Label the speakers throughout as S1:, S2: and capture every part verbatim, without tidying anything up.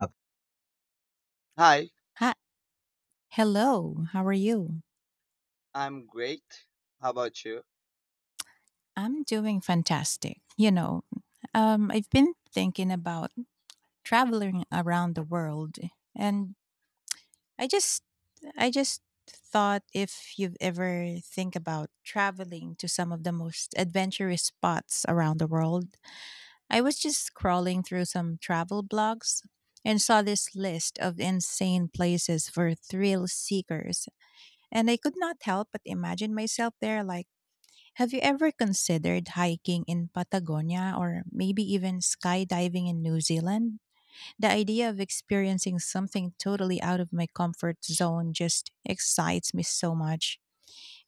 S1: Up- Hi,
S2: Hi. Hello. How are you?
S1: I'm great. How about you?
S2: I'm doing fantastic. You know, um, I've been thinking about traveling around the world, and I just, I just thought if you've ever think about traveling to some of the most adventurous spots around the world. I was just scrolling through some travel blogs and saw this list of insane places for thrill seekers, and I could not help but imagine myself there, like have you ever considered hiking in Patagonia or maybe even skydiving in New Zealand? The idea of experiencing something totally out of my comfort zone just excites me so much.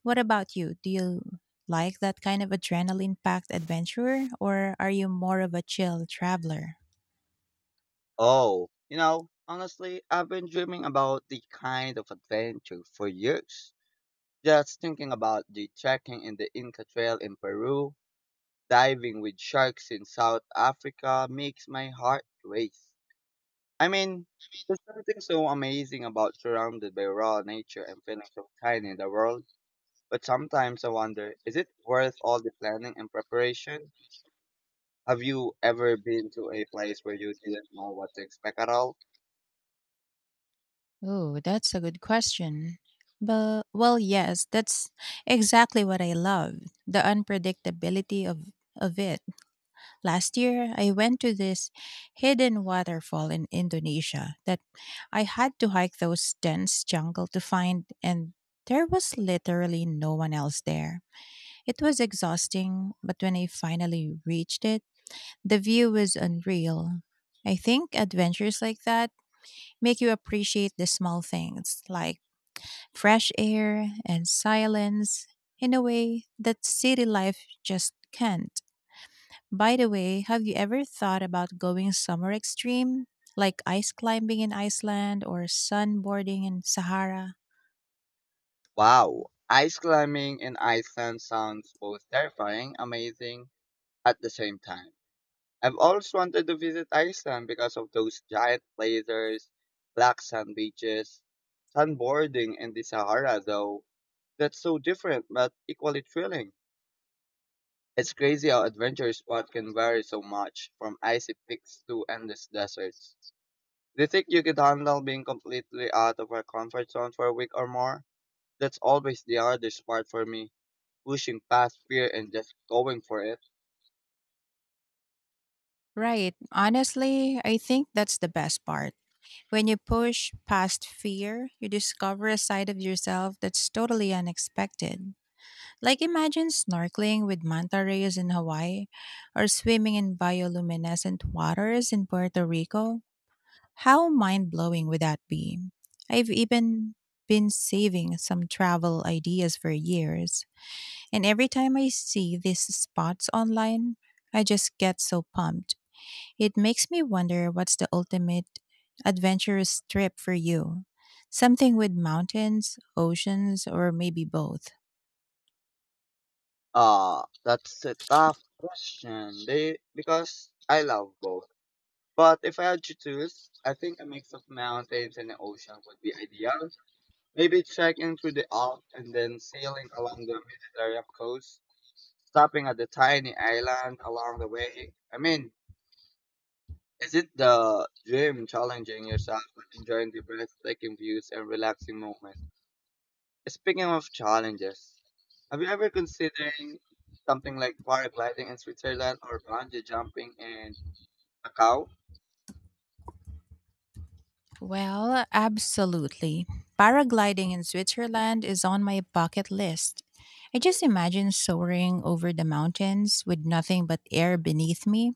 S2: What about you? Do you like that kind of adrenaline packed adventurer, or are you more of a chill traveler?
S1: Oh, You know, honestly, I've been dreaming about the kind of adventure for years. Just thinking about the trekking in the Inca Trail in Peru, diving with sharks in South Africa makes my heart race. I mean, there's something so amazing about surrounded by raw nature and feeling so tiny in the world. But sometimes I wonder, is it worth all the planning and preparation? Have you ever been to a place where you didn't know what to expect at all?
S2: Oh, that's a good question. But, well, yes, that's exactly what I love, the unpredictability of, of it. Last year, I went to this hidden waterfall in Indonesia that I had to hike those dense jungle to find, and there was literally no one else there. It was exhausting, but when I finally reached it, the view was unreal. I think adventures like that make you appreciate the small things, like fresh air and silence, in a way that city life just can't. By the way, have you ever thought about going somewhere extreme, like ice climbing in Iceland or sunboarding in Sahara?
S1: Wow, ice climbing in Iceland sounds both terrifying, amazing at the same time. I've always wanted to visit Iceland because of those giant blazers, black sand beaches, sunboarding in the Sahara though. That's so different but equally thrilling. It's crazy how adventure spot can vary so much from icy peaks to endless deserts. Do you think you could handle being completely out of our comfort zone for a week or more? That's always the hardest part for me. Pushing past fear and just going for it.
S2: Right. Honestly, I think that's the best part. When you push past fear, you discover a side of yourself that's totally unexpected. Like imagine snorkeling with manta rays in Hawaii or swimming in bioluminescent waters in Puerto Rico. How mind blowing would that be? I've even been saving some travel ideas for years, and every time I see these spots online, I just get so pumped. It makes me wonder, what's the ultimate adventurous trip for you? Something with mountains, oceans, or maybe both?
S1: Ah, that's a tough question. They because I love both. But if I had to choose, I think a mix of mountains and the ocean would be ideal. Maybe trekking through the Alps and then sailing along the Mediterranean coast, stopping at the tiny island along the way. I mean, is it the dream challenging yourself and enjoying the breathtaking views and relaxing moments? Speaking of challenges, have you ever considered something like paragliding in Switzerland or bungee jumping in Macau?
S2: Well, absolutely. Paragliding in Switzerland is on my bucket list. I just imagine soaring over the mountains with nothing but air beneath me.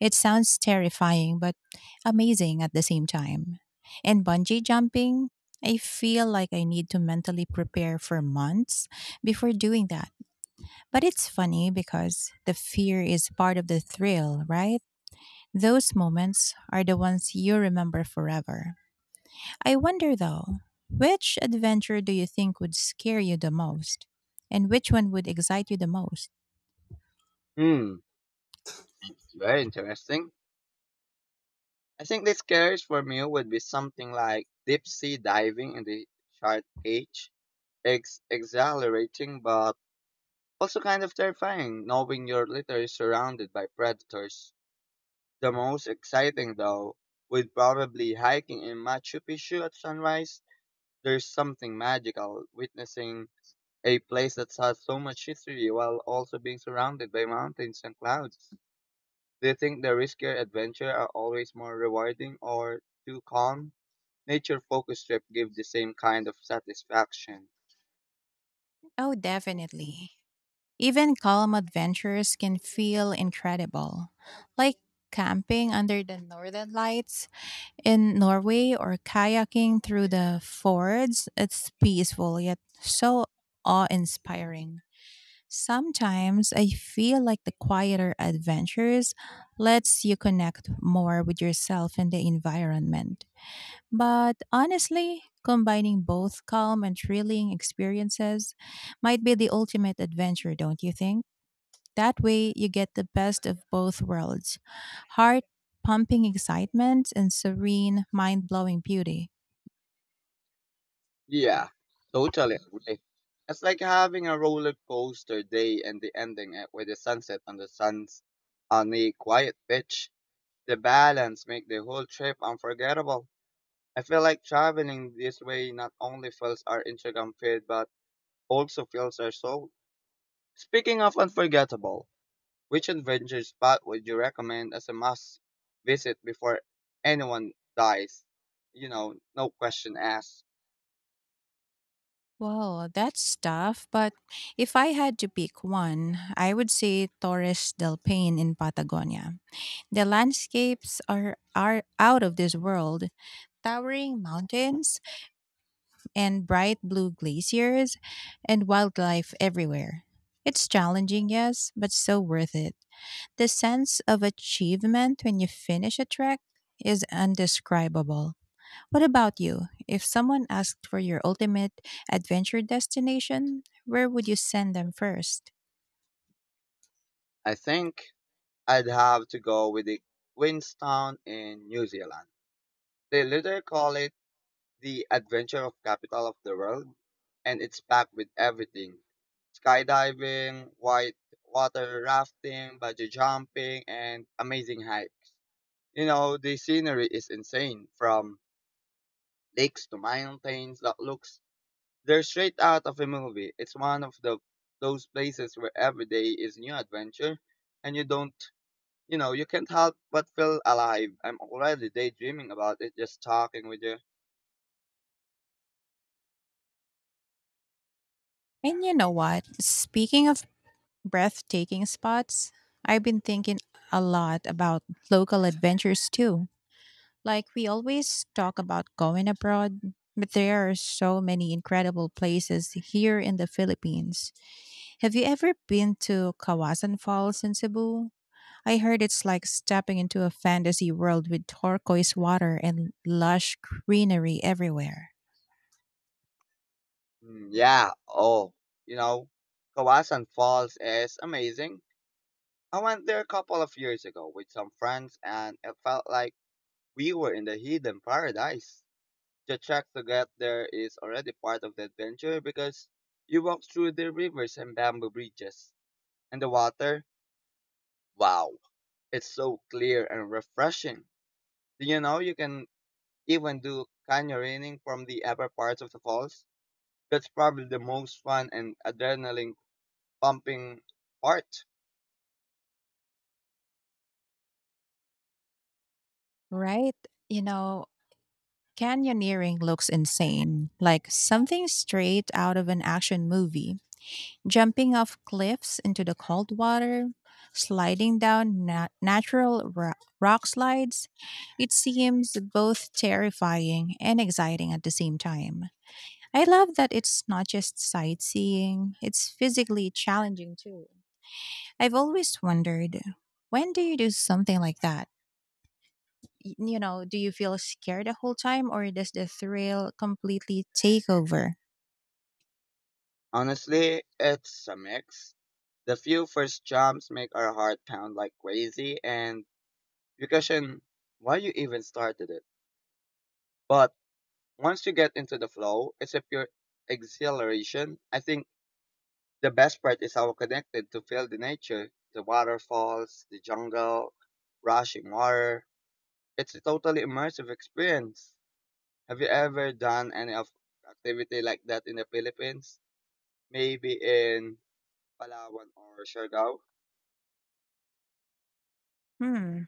S2: It sounds terrifying, but amazing at the same time. And bungee jumping, I feel like I need to mentally prepare for months before doing that. But it's funny because the fear is part of the thrill, right? Those moments are the ones you remember forever. I wonder though, which adventure do you think would scare you the most? And which one would excite you the most?
S1: Hmm, Very interesting. I think the scariest for me would be something like deep sea diving in the shark cage. It's exhilarating, but also kind of terrifying knowing you're literally surrounded by predators. The most exciting, though, would probably hiking in Machu Picchu at sunrise. There's something magical witnessing a place that has so much history while also being surrounded by mountains and clouds. Do you think the riskier adventure are always more rewarding, or too calm? Nature focused trip give the same kind of satisfaction.
S2: Oh, definitely. Even calm adventures can feel incredible, like camping under the northern lights in Norway or kayaking through the fords. It's peaceful yet so awe inspiring. Sometimes I feel like the quieter adventures lets you connect more with yourself and the environment. But honestly, combining both calm and thrilling experiences might be the ultimate adventure, don't you think? That way you get the best of both worlds. Heart pumping excitement and serene, mind blowing beauty.
S1: Yeah, totally agree. It's like having a roller coaster day and the ending it with the sunset on the sun's on a quiet beach. The balance make the whole trip unforgettable. I feel like traveling this way not only fills our Instagram feed but also fills our soul. Speaking of unforgettable, which adventure spot would you recommend as a must visit before anyone dies? You know, no question asked.
S2: Well, that's tough, but if I had to pick one, I would say Torres del Paine in Patagonia. The landscapes are, are out of this world, towering mountains and bright blue glaciers and wildlife everywhere. It's challenging, yes, but so worth it. The sense of achievement when you finish a trek is indescribable. What about you? If someone asked for your ultimate adventure destination, where would you send them first?
S1: I think I'd have to go with the Queenstown in New Zealand. They literally call it The Adventure of Capital of the World, and it's packed with everything. Skydiving, white water rafting, bungee jumping, and amazing hikes. You know, the scenery is insane from lakes to mountains that looks they're straight out of a movie. It's one of the those places where every day is new adventure and you don't you know, you can't help but feel alive. I'm already daydreaming about it just talking with you.
S2: And you know what? Speaking of breathtaking spots, I've been thinking a lot about local adventures too. Like, we always talk about going abroad, but there are so many incredible places here in the Philippines. Have you ever been to Kawasan Falls in Cebu? I heard it's like stepping into a fantasy world with turquoise water and lush greenery everywhere.
S1: Mm, Yeah, oh, you know, Kawasan Falls is amazing. I went there a couple of years ago with some friends and it felt like we were in the hidden paradise. The trek to get there is already part of the adventure because you walk through the rivers and bamboo bridges. And the water, wow, it's so clear and refreshing. Do you know, you can even do canyoning from the upper parts of the falls. That's probably the most fun and adrenaline pumping part.
S2: Right? You know, canyoneering looks insane, like something straight out of an action movie. Jumping off cliffs into the cold water, sliding down na- natural ro- rock slides, it seems both terrifying and exciting at the same time. I love that it's not just sightseeing, it's physically challenging too. I've always wondered, when do you do something like that? Y- You know, do you feel scared the whole time or does the thrill completely take over?
S1: Honestly, it's a mix. The few first jumps make our heart pound like crazy and you question why you even started it. But once you get into the flow, it's a pure exhilaration. I think the best part is how connected to feel the nature, the waterfalls, the jungle, rushing water. It's a totally immersive experience. Have you ever done any of activity like that in the Philippines? Maybe in Palawan or Siargao.
S2: Hmm,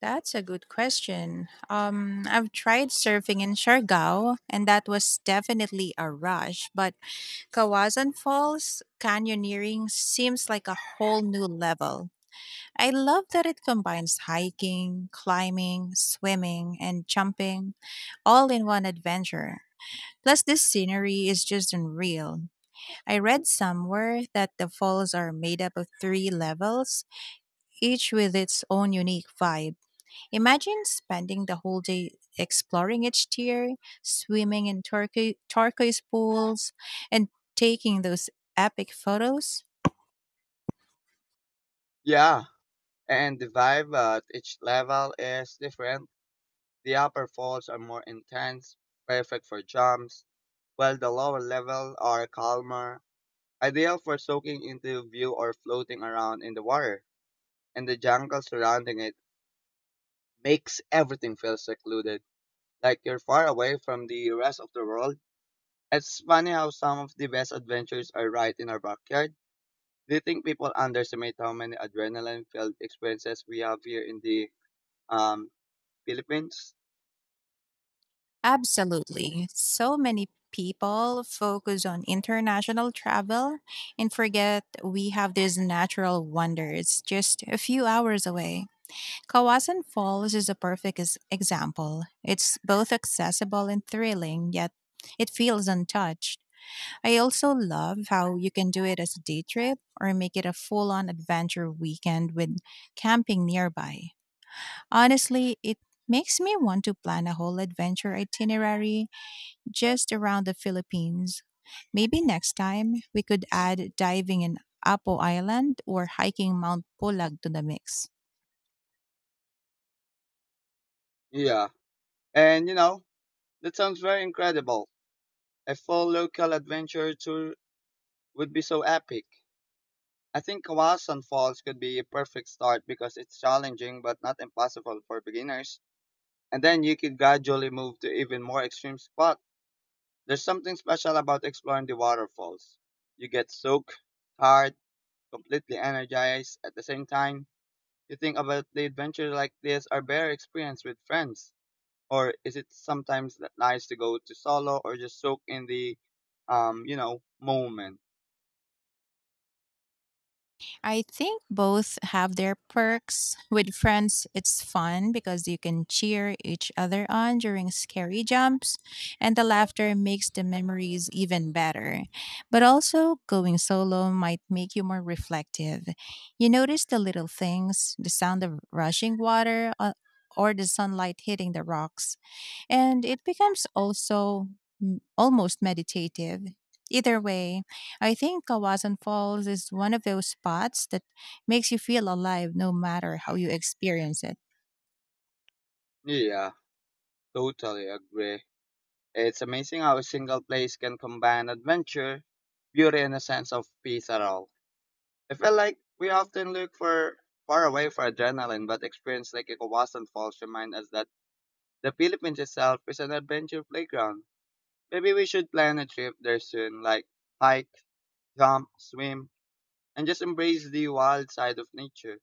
S2: that's a good question. Um, I've tried surfing in Siargao, and that was definitely a rush, but Kawasan Falls canyoneering seems like a whole new level. I love that it combines hiking, climbing, swimming, and jumping all in one adventure. Plus, this scenery is just unreal. I read somewhere that the falls are made up of three levels, each with its own unique vibe. Imagine spending the whole day exploring each tier, swimming in turquo- turquoise pools, and taking those epic photos.
S1: Yeah, and the vibe at each level is different. The upper falls are more intense, perfect for jumps, while the lower level are calmer, ideal for soaking into view or floating around in the water. And the jungle surrounding it makes everything feel secluded, like you're far away from the rest of the world. It's funny how some of the best adventures are right in our backyard. Do you think people underestimate how many adrenaline-filled experiences we have here in the um, Philippines?
S2: Absolutely. So many people focus on international travel and forget we have these natural wonders just a few hours away. Kawasan Falls is a perfect ex- example. It's both accessible and thrilling, yet it feels untouched. I also love how you can do it as a day trip or make it a full on adventure weekend with camping nearby. Honestly, it makes me want to plan a whole adventure itinerary just around the Philippines. Maybe next time we could add diving in Apo Island or hiking Mount Pulag to the mix.
S1: Yeah, and you know that sounds very incredible. A full local adventure tour would be so epic. I think Kawasan Falls could be a perfect start because it's challenging but not impossible for beginners. And then you could gradually move to even more extreme spot. There's something special about exploring the waterfalls. You get soaked, tired, completely energized at the same time. You think about the adventures like this are better experienced with friends, or is it sometimes that nice to go to solo or just soak in the, um, you know, moment?
S2: I think both have their perks. With friends, it's fun because you can cheer each other on during scary jumps, and the laughter makes the memories even better. But also, going solo might make you more reflective. You notice the little things, the sound of rushing water, uh, or the sunlight hitting the rocks, and it becomes also m- almost meditative. Either way, I think Kawasan Falls is one of those spots that makes you feel alive no matter how you experience it.
S1: Yeah, totally agree. It's amazing how a single place can combine adventure, beauty, and a sense of peace at all. I feel like we often look for far away for adrenaline, but experience like Ikawasan Falls remind us that the Philippines itself is an adventure playground. Maybe we should plan a trip there soon, like hike jump, swim, and just embrace the wild side of nature.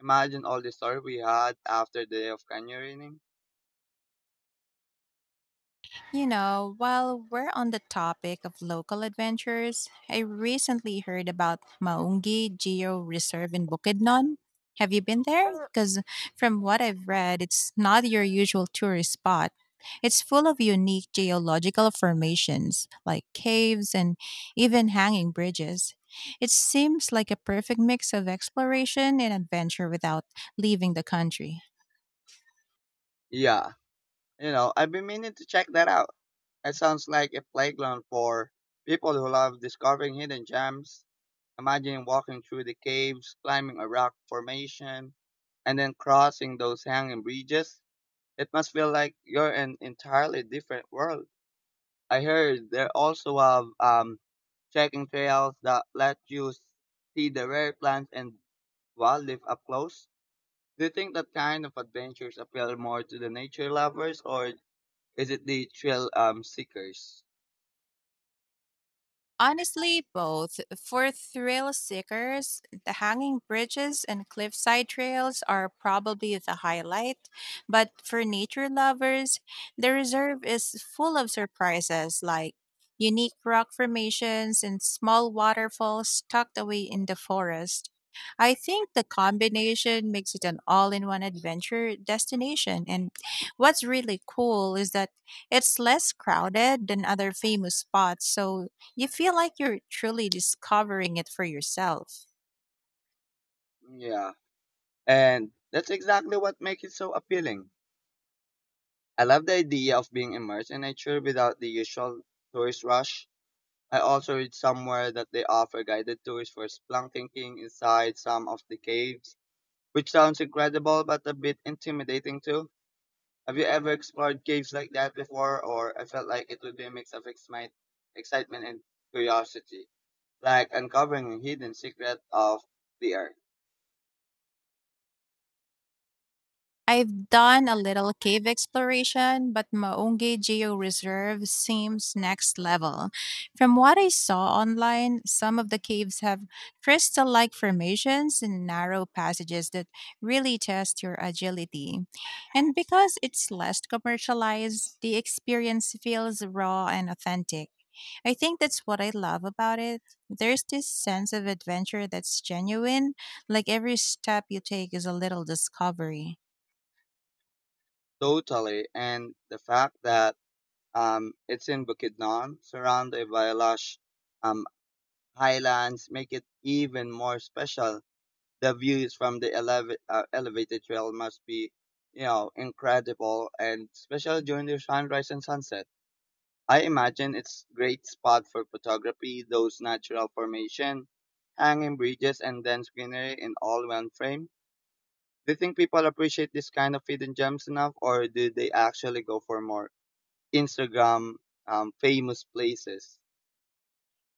S1: Imagine all the story we had after the day of canyoning.
S2: You know, while we're on the topic of local adventures, I recently heard about Maungi Geo Reserve in Bukidnon. Have you been there? Uh, Because from what I've read, it's not your usual tourist spot. It's full of unique geological formations like caves and even hanging bridges. It seems like a perfect mix of exploration and adventure without leaving the country.
S1: Yeah, you know, I've been meaning to check that out. It sounds like a playground for people who love discovering hidden gems. Imagine walking through the caves, climbing a rock formation, and then crossing those hanging bridges. It must feel like you're in entirely different world. I heard they also have um, trekking trails that let you s- see the rare plants and wildlife up close. Do you think that kind of adventures appeal more to the nature lovers or is it the thrill um, seekers?
S2: Honestly, both. For thrill seekers, the hanging bridges and cliffside trails are probably the highlight. But for nature lovers, the reserve is full of surprises, like unique rock formations and small waterfalls tucked away in the forest. I think the combination makes it an all in one adventure destination. And what's really cool is that it's less crowded than other famous spots, so you feel like you're truly discovering it for yourself.
S1: Yeah, and that's exactly what makes it so appealing. I love the idea of being immersed in nature without the usual tourist rush. I also read somewhere that they offer guided tours for spelunking inside some of the caves which sounds incredible but a bit intimidating too. Have you ever explored caves like that before, or I felt like it would be a mix of excite- excitement and curiosity, like uncovering a hidden secret of the earth?
S2: I've done a little cave exploration, but Maungay Geo Reserve seems next level. From what I saw online, some of the caves have crystal like formations and narrow passages that really test your agility. And because it's less commercialized, the experience feels raw and authentic. I think that's what I love about it. There's this sense of adventure that's genuine, like every step you take is a little discovery.
S1: Totally, and the fact that um, it's in Bukidnon, surrounded by lush um, highlands, make it even more special. The views from the eleva- uh, elevated trail must be, you know, incredible, and especially during the sunrise and sunset. I imagine it's great spot for photography, those natural formation, hanging bridges and dense greenery in all one frame. Do you think people appreciate this kind of hidden gems enough or do they actually go for more Instagram um, famous places?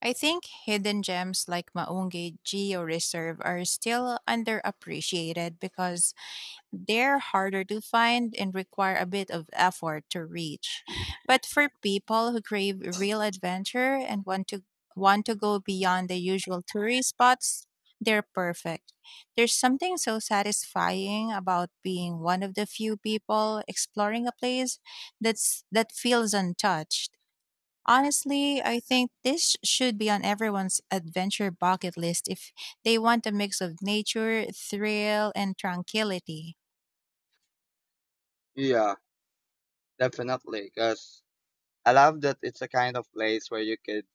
S2: I think hidden gems like Maungay Geo Reserve are still underappreciated because they're harder to find and require a bit of effort to reach. But for people who crave real adventure and want to want to go beyond the usual tourist spots, they're perfect. There's something so satisfying about being one of the few people exploring a place that's that feels untouched. Honestly, I think this should be on everyone's adventure bucket list if they want a mix of nature, thrill, and tranquility.
S1: Yeah, definitely because I love that it's a kind of place where you could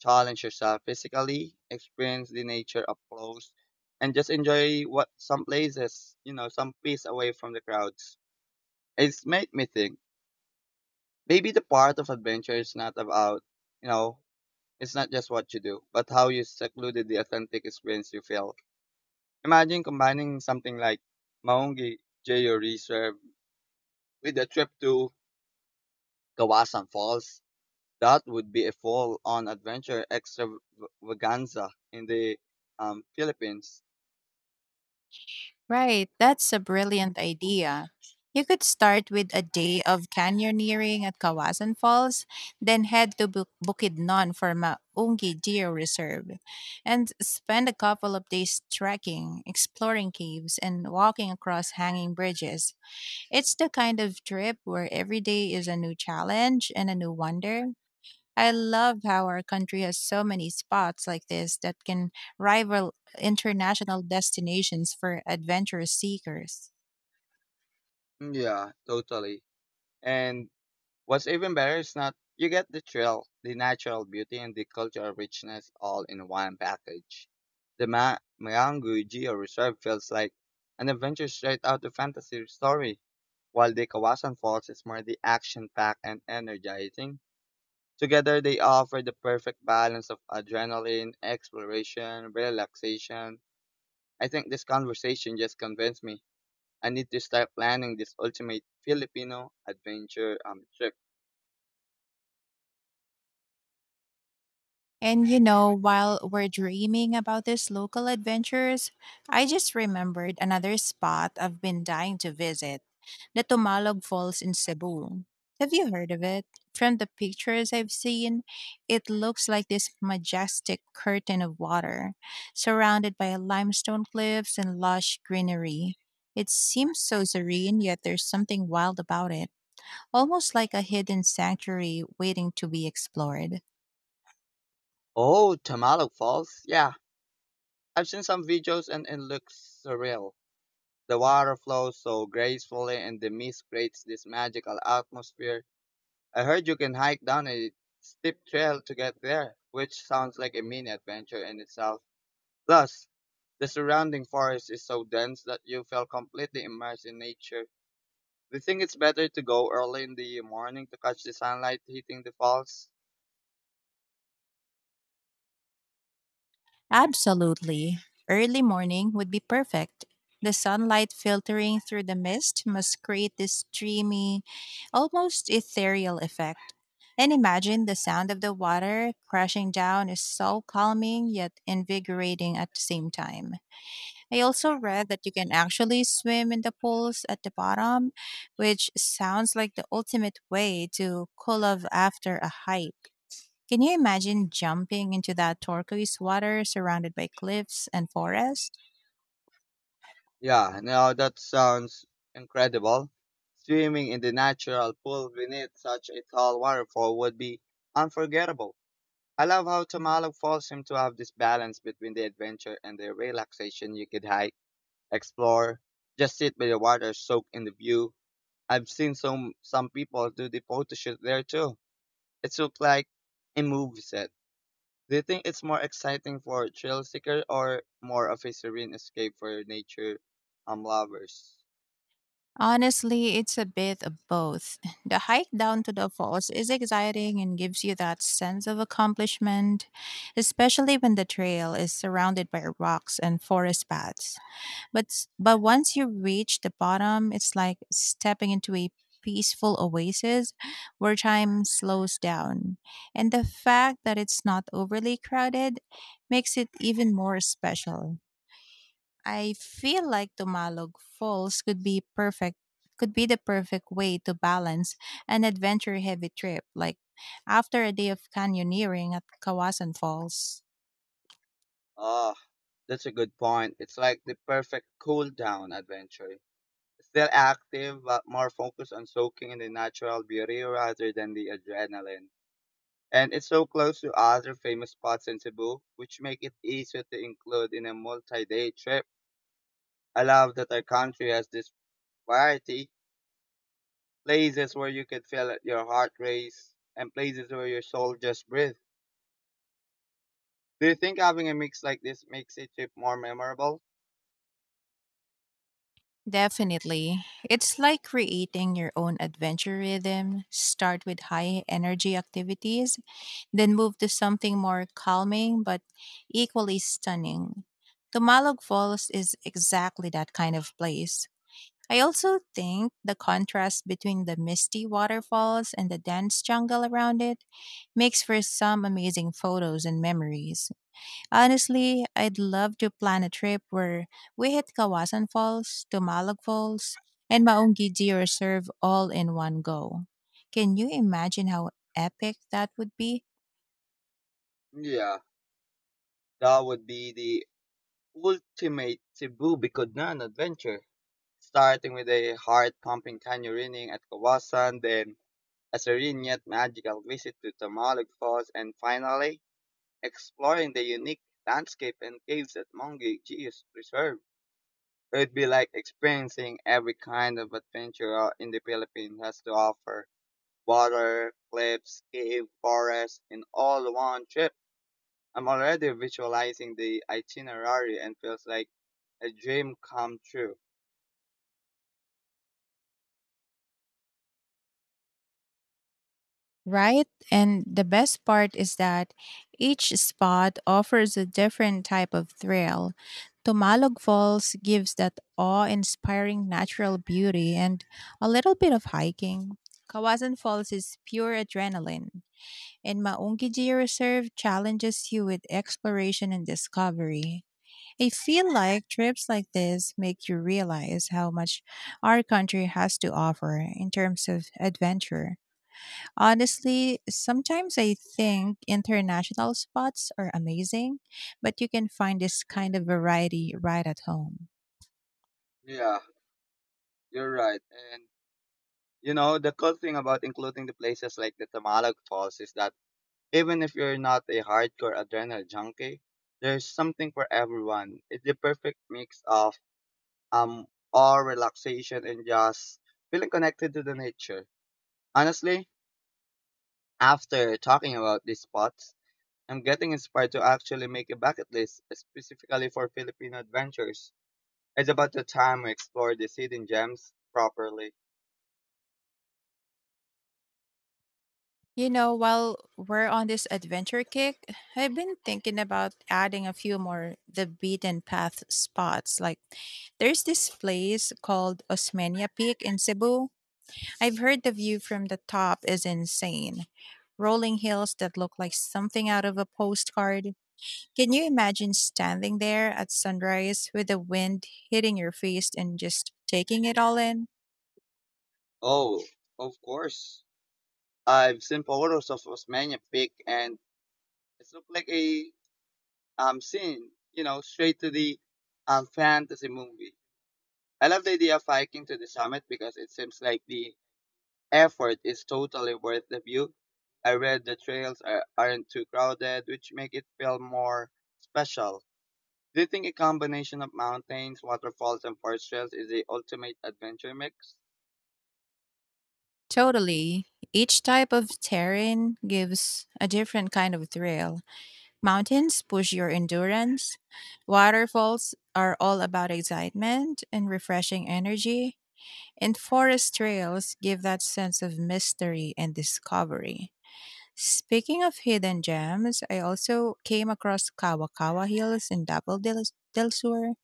S1: challenge yourself physically, experience the nature up close and just enjoy what some places, you know, some peace away from the crowds. It's made me think. Maybe the part of adventure is not about, you know, it's not just what you do, but how you secluded the authentic experience you feel. Imagine combining something like Maungi Jeyo Reserve with a trip to Kawasan Falls. That would be a full-on adventure extravaganza in the um, Philippines.
S2: Right, that's a brilliant idea. You could start with a day of canyoneering at Kawasan Falls, then head to Bu- Bukidnon for Maungi Geo Reserve, and spend a couple of days trekking, exploring caves, and walking across hanging bridges. It's the kind of trip where every day is a new challenge and a new wonder. I love how our country has so many spots like this that can rival international destinations for adventurous seekers.
S1: Mm, Yeah, totally. And what's even better is not you get the thrill, the natural beauty, and the cultural richness all in one package. The Ma- Marangu Geo Reserve feels like an adventure straight out of fantasy story, while the Kawasan Falls is more the action-packed and energizing. Together, they offer the perfect balance of adrenaline, exploration, relaxation. I think this conversation just convinced me I need to start planning this ultimate Filipino adventure um, trip.
S2: And you know, while we're dreaming about these local adventures, I just remembered another spot I've been dying to visit, the Tumalog Falls in Cebu. Have you heard of it? From the pictures I've seen, it looks like this majestic curtain of water, surrounded by limestone cliffs and lush greenery. It seems so serene, yet there's something wild about it, almost like a hidden sanctuary waiting to be explored.
S1: Oh, Tamalo Falls. Yeah, I've seen some videos and it looks surreal. The water flows so gracefully and the mist creates this magical atmosphere. I heard you can hike down a steep trail to get there, which sounds like a mini adventure in itself. Plus, the surrounding forest is so dense that you feel completely immersed in nature. Do you think it's better to go early in the morning to catch the sunlight hitting the falls?
S2: Absolutely. Early morning would be perfect. The sunlight filtering through the mist must create this dreamy, almost ethereal effect. And imagine the sound of the water crashing down is so calming yet invigorating at the same time. I also read that you can actually swim in the pools at the bottom, which sounds like the ultimate way to cool off after a hike. Can you imagine jumping into that turquoise water surrounded by cliffs and forest?
S1: Yeah, now that sounds incredible. Swimming in the natural pool beneath such a tall waterfall would be unforgettable. I love how Tamalog Falls seem to have this balance between the adventure and the relaxation. You could hike, explore, just sit by the water, soak in the view. I've seen some some people do the photo shoot there too. It looks like a movie set. Do you think it's more exciting for thrill seeker or more of a serene escape for nature um lovers?
S2: Honestly, it's a bit of both. The hike down to the falls is exciting and gives you that sense of accomplishment, especially when the trail is surrounded by rocks and forest paths. But s- but once you reach the bottom, it's like stepping into a peaceful oasis where time slows down. And the fact that it's not overly crowded makes it even more special. I feel like Tumalog Falls could be perfect could be the perfect way to balance an adventure heavy trip, like after a day of canyoneering at Kawasan Falls.
S1: Ah, that's a good point. It's like the perfect cool down adventure. Still active, but more focused on soaking in the natural beauty rather than the adrenaline. And it's so close to other famous spots in Cebu, which make it easier to include in a multi-day trip. I love that our country has this variety, places where you can feel your heart race and places where your soul just breathes. Do you think having a mix like this makes a trip more memorable?
S2: Definitely. It's like creating your own adventure rhythm. Start with high energy activities, then move to something more calming but equally stunning. Tumalog Falls is exactly that kind of place. I also think the contrast between the misty waterfalls and the dense jungle around it makes for some amazing photos and memories. Honestly, I'd love to plan a trip where we hit Kawasan Falls, Tumalog Falls, and Maungidi Reserve all in one go. Can you imagine how epic that would be?
S1: Yeah, that would be the ultimate Cebu Biconan adventure, starting with a heart-pumping canyoneering at Kawasan, then a serene yet magical visit to Tamalog Falls, and finally exploring the unique landscape and caves at Mongi Geos Preserve. It'd be like experiencing every kind of adventure uh, in the Philippines has to offer: water, cliffs, cave, forest, in all one trip. I'm already visualizing the itinerary and feels like a dream come true.
S2: Right? And the best part is that each spot offers a different type of thrill. Tumalog Falls gives that awe inspiring natural beauty and a little bit of hiking. Kawasan Falls is pure adrenaline, and Maungkiji Reserve challenges you with exploration and discovery. I feel like trips like this make you realize how much our country has to offer in terms of adventure. Honestly, sometimes I think international spots are amazing, but you can find this kind of variety right at home.
S1: Yeah, you're right. And you know, the cool thing about including the places like the Tamalog Falls is that even if you're not a hardcore adrenaline junkie, there's something for everyone. It's the perfect mix of um awe, relaxation, and just feeling connected to the nature. Honestly, after talking about these spots, I'm getting inspired to actually make a bucket list specifically for Filipino adventures. It's about the time we explore the hidden gems properly.
S2: You know, while we're on this adventure kick, I've been thinking about adding a few more the beaten path spots. Like, there's this place called Osmeña Peak in Cebu. I've heard the view from the top is insane. Rolling hills that look like something out of a postcard. Can you imagine standing there at sunrise with the wind hitting your face and just taking it all in?
S1: Oh, of course. I've seen photos of Osmeña Peak and it looked like a um scene, you know, straight to the um fantasy movie. I love the idea of hiking to the summit because it seems like the effort is totally worth the view. I read the trails are, aren't too crowded, which make it feel more special. Do you think a combination of mountains, waterfalls, and forest trails is the ultimate adventure mix?
S2: Totally. Each type of terrain gives a different kind of thrill. Mountains push your endurance. Waterfalls are all about excitement and refreshing energy. And forest trails give that sense of mystery and discovery. Speaking of hidden gems, I also came across Kawakawa Hills in Double Del Del Sur.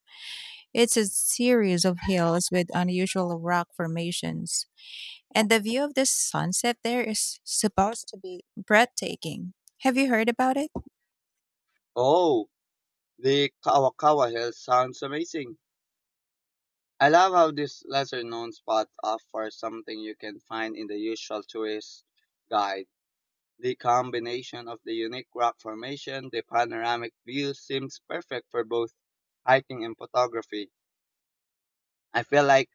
S2: It's a series of hills with unusual rock formations, and the view of the sunset there is supposed to be breathtaking. Have you heard about it?
S1: Oh, the Kawakawa Hills sounds amazing. I love how this lesser known spot offers something you can find in the usual tourist guide. The combination of the unique rock formation, the panoramic view seems perfect for both hiking and photography. I feel like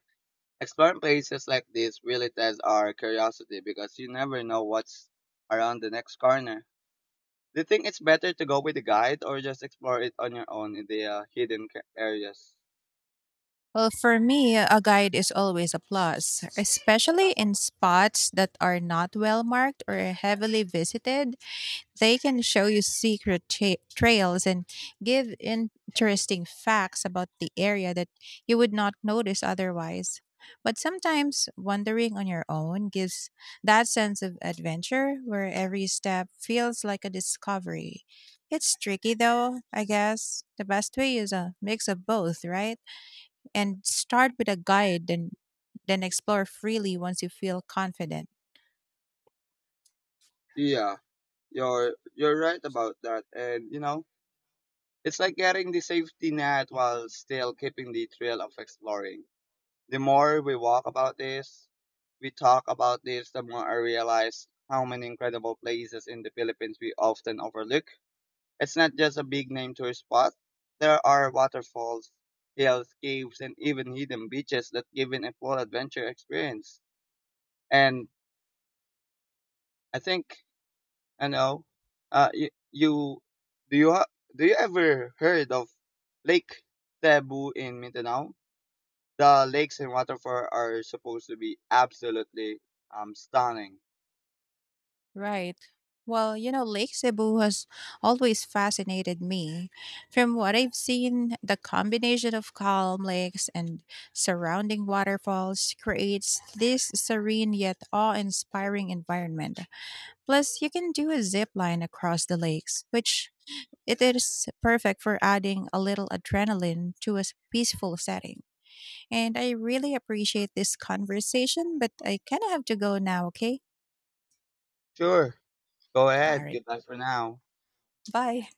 S1: exploring places like this really tests our curiosity because you never know what's around the next corner. Do you think it's better to go with a guide or just explore it on your own in the uh, hidden ca- areas?
S2: Well, for me, a guide is always a plus, especially in spots that are not well marked or heavily visited. They can show you secret tra- trails and give interesting facts about the area that you would not notice otherwise. But sometimes wandering on your own gives that sense of adventure where every step feels like a discovery. It's tricky though, I guess. The best way is a mix of both, right? And start with a guide and then explore freely once you feel confident.
S1: Yeah, you're you're right about that, and you know it's like getting the safety net while still keeping the thrill of exploring. The more we walk about this, we talk about this, the more I realize how many incredible places in the Philippines we often overlook. It's not just a big name tourist spot. There are waterfalls, hills, caves, and even hidden beaches that give it a full adventure experience. And I think I know. Uh, you, you do you ha- do you ever heard of Lake Cebu in Mindanao? The lakes and waterfall are supposed to be absolutely um stunning.
S2: Right. Well, you know, Lake Cebu has always fascinated me. From what I've seen, the combination of calm lakes and surrounding waterfalls creates this serene yet awe inspiring environment. Plus, you can do a zip line across the lakes, which it is perfect for adding a little adrenaline to a s- peaceful setting. And I really appreciate this conversation, but I kind of have to go now, okay?
S1: Sure, go
S2: All
S1: ahead.
S2: right.
S1: Goodbye for now.
S2: Bye.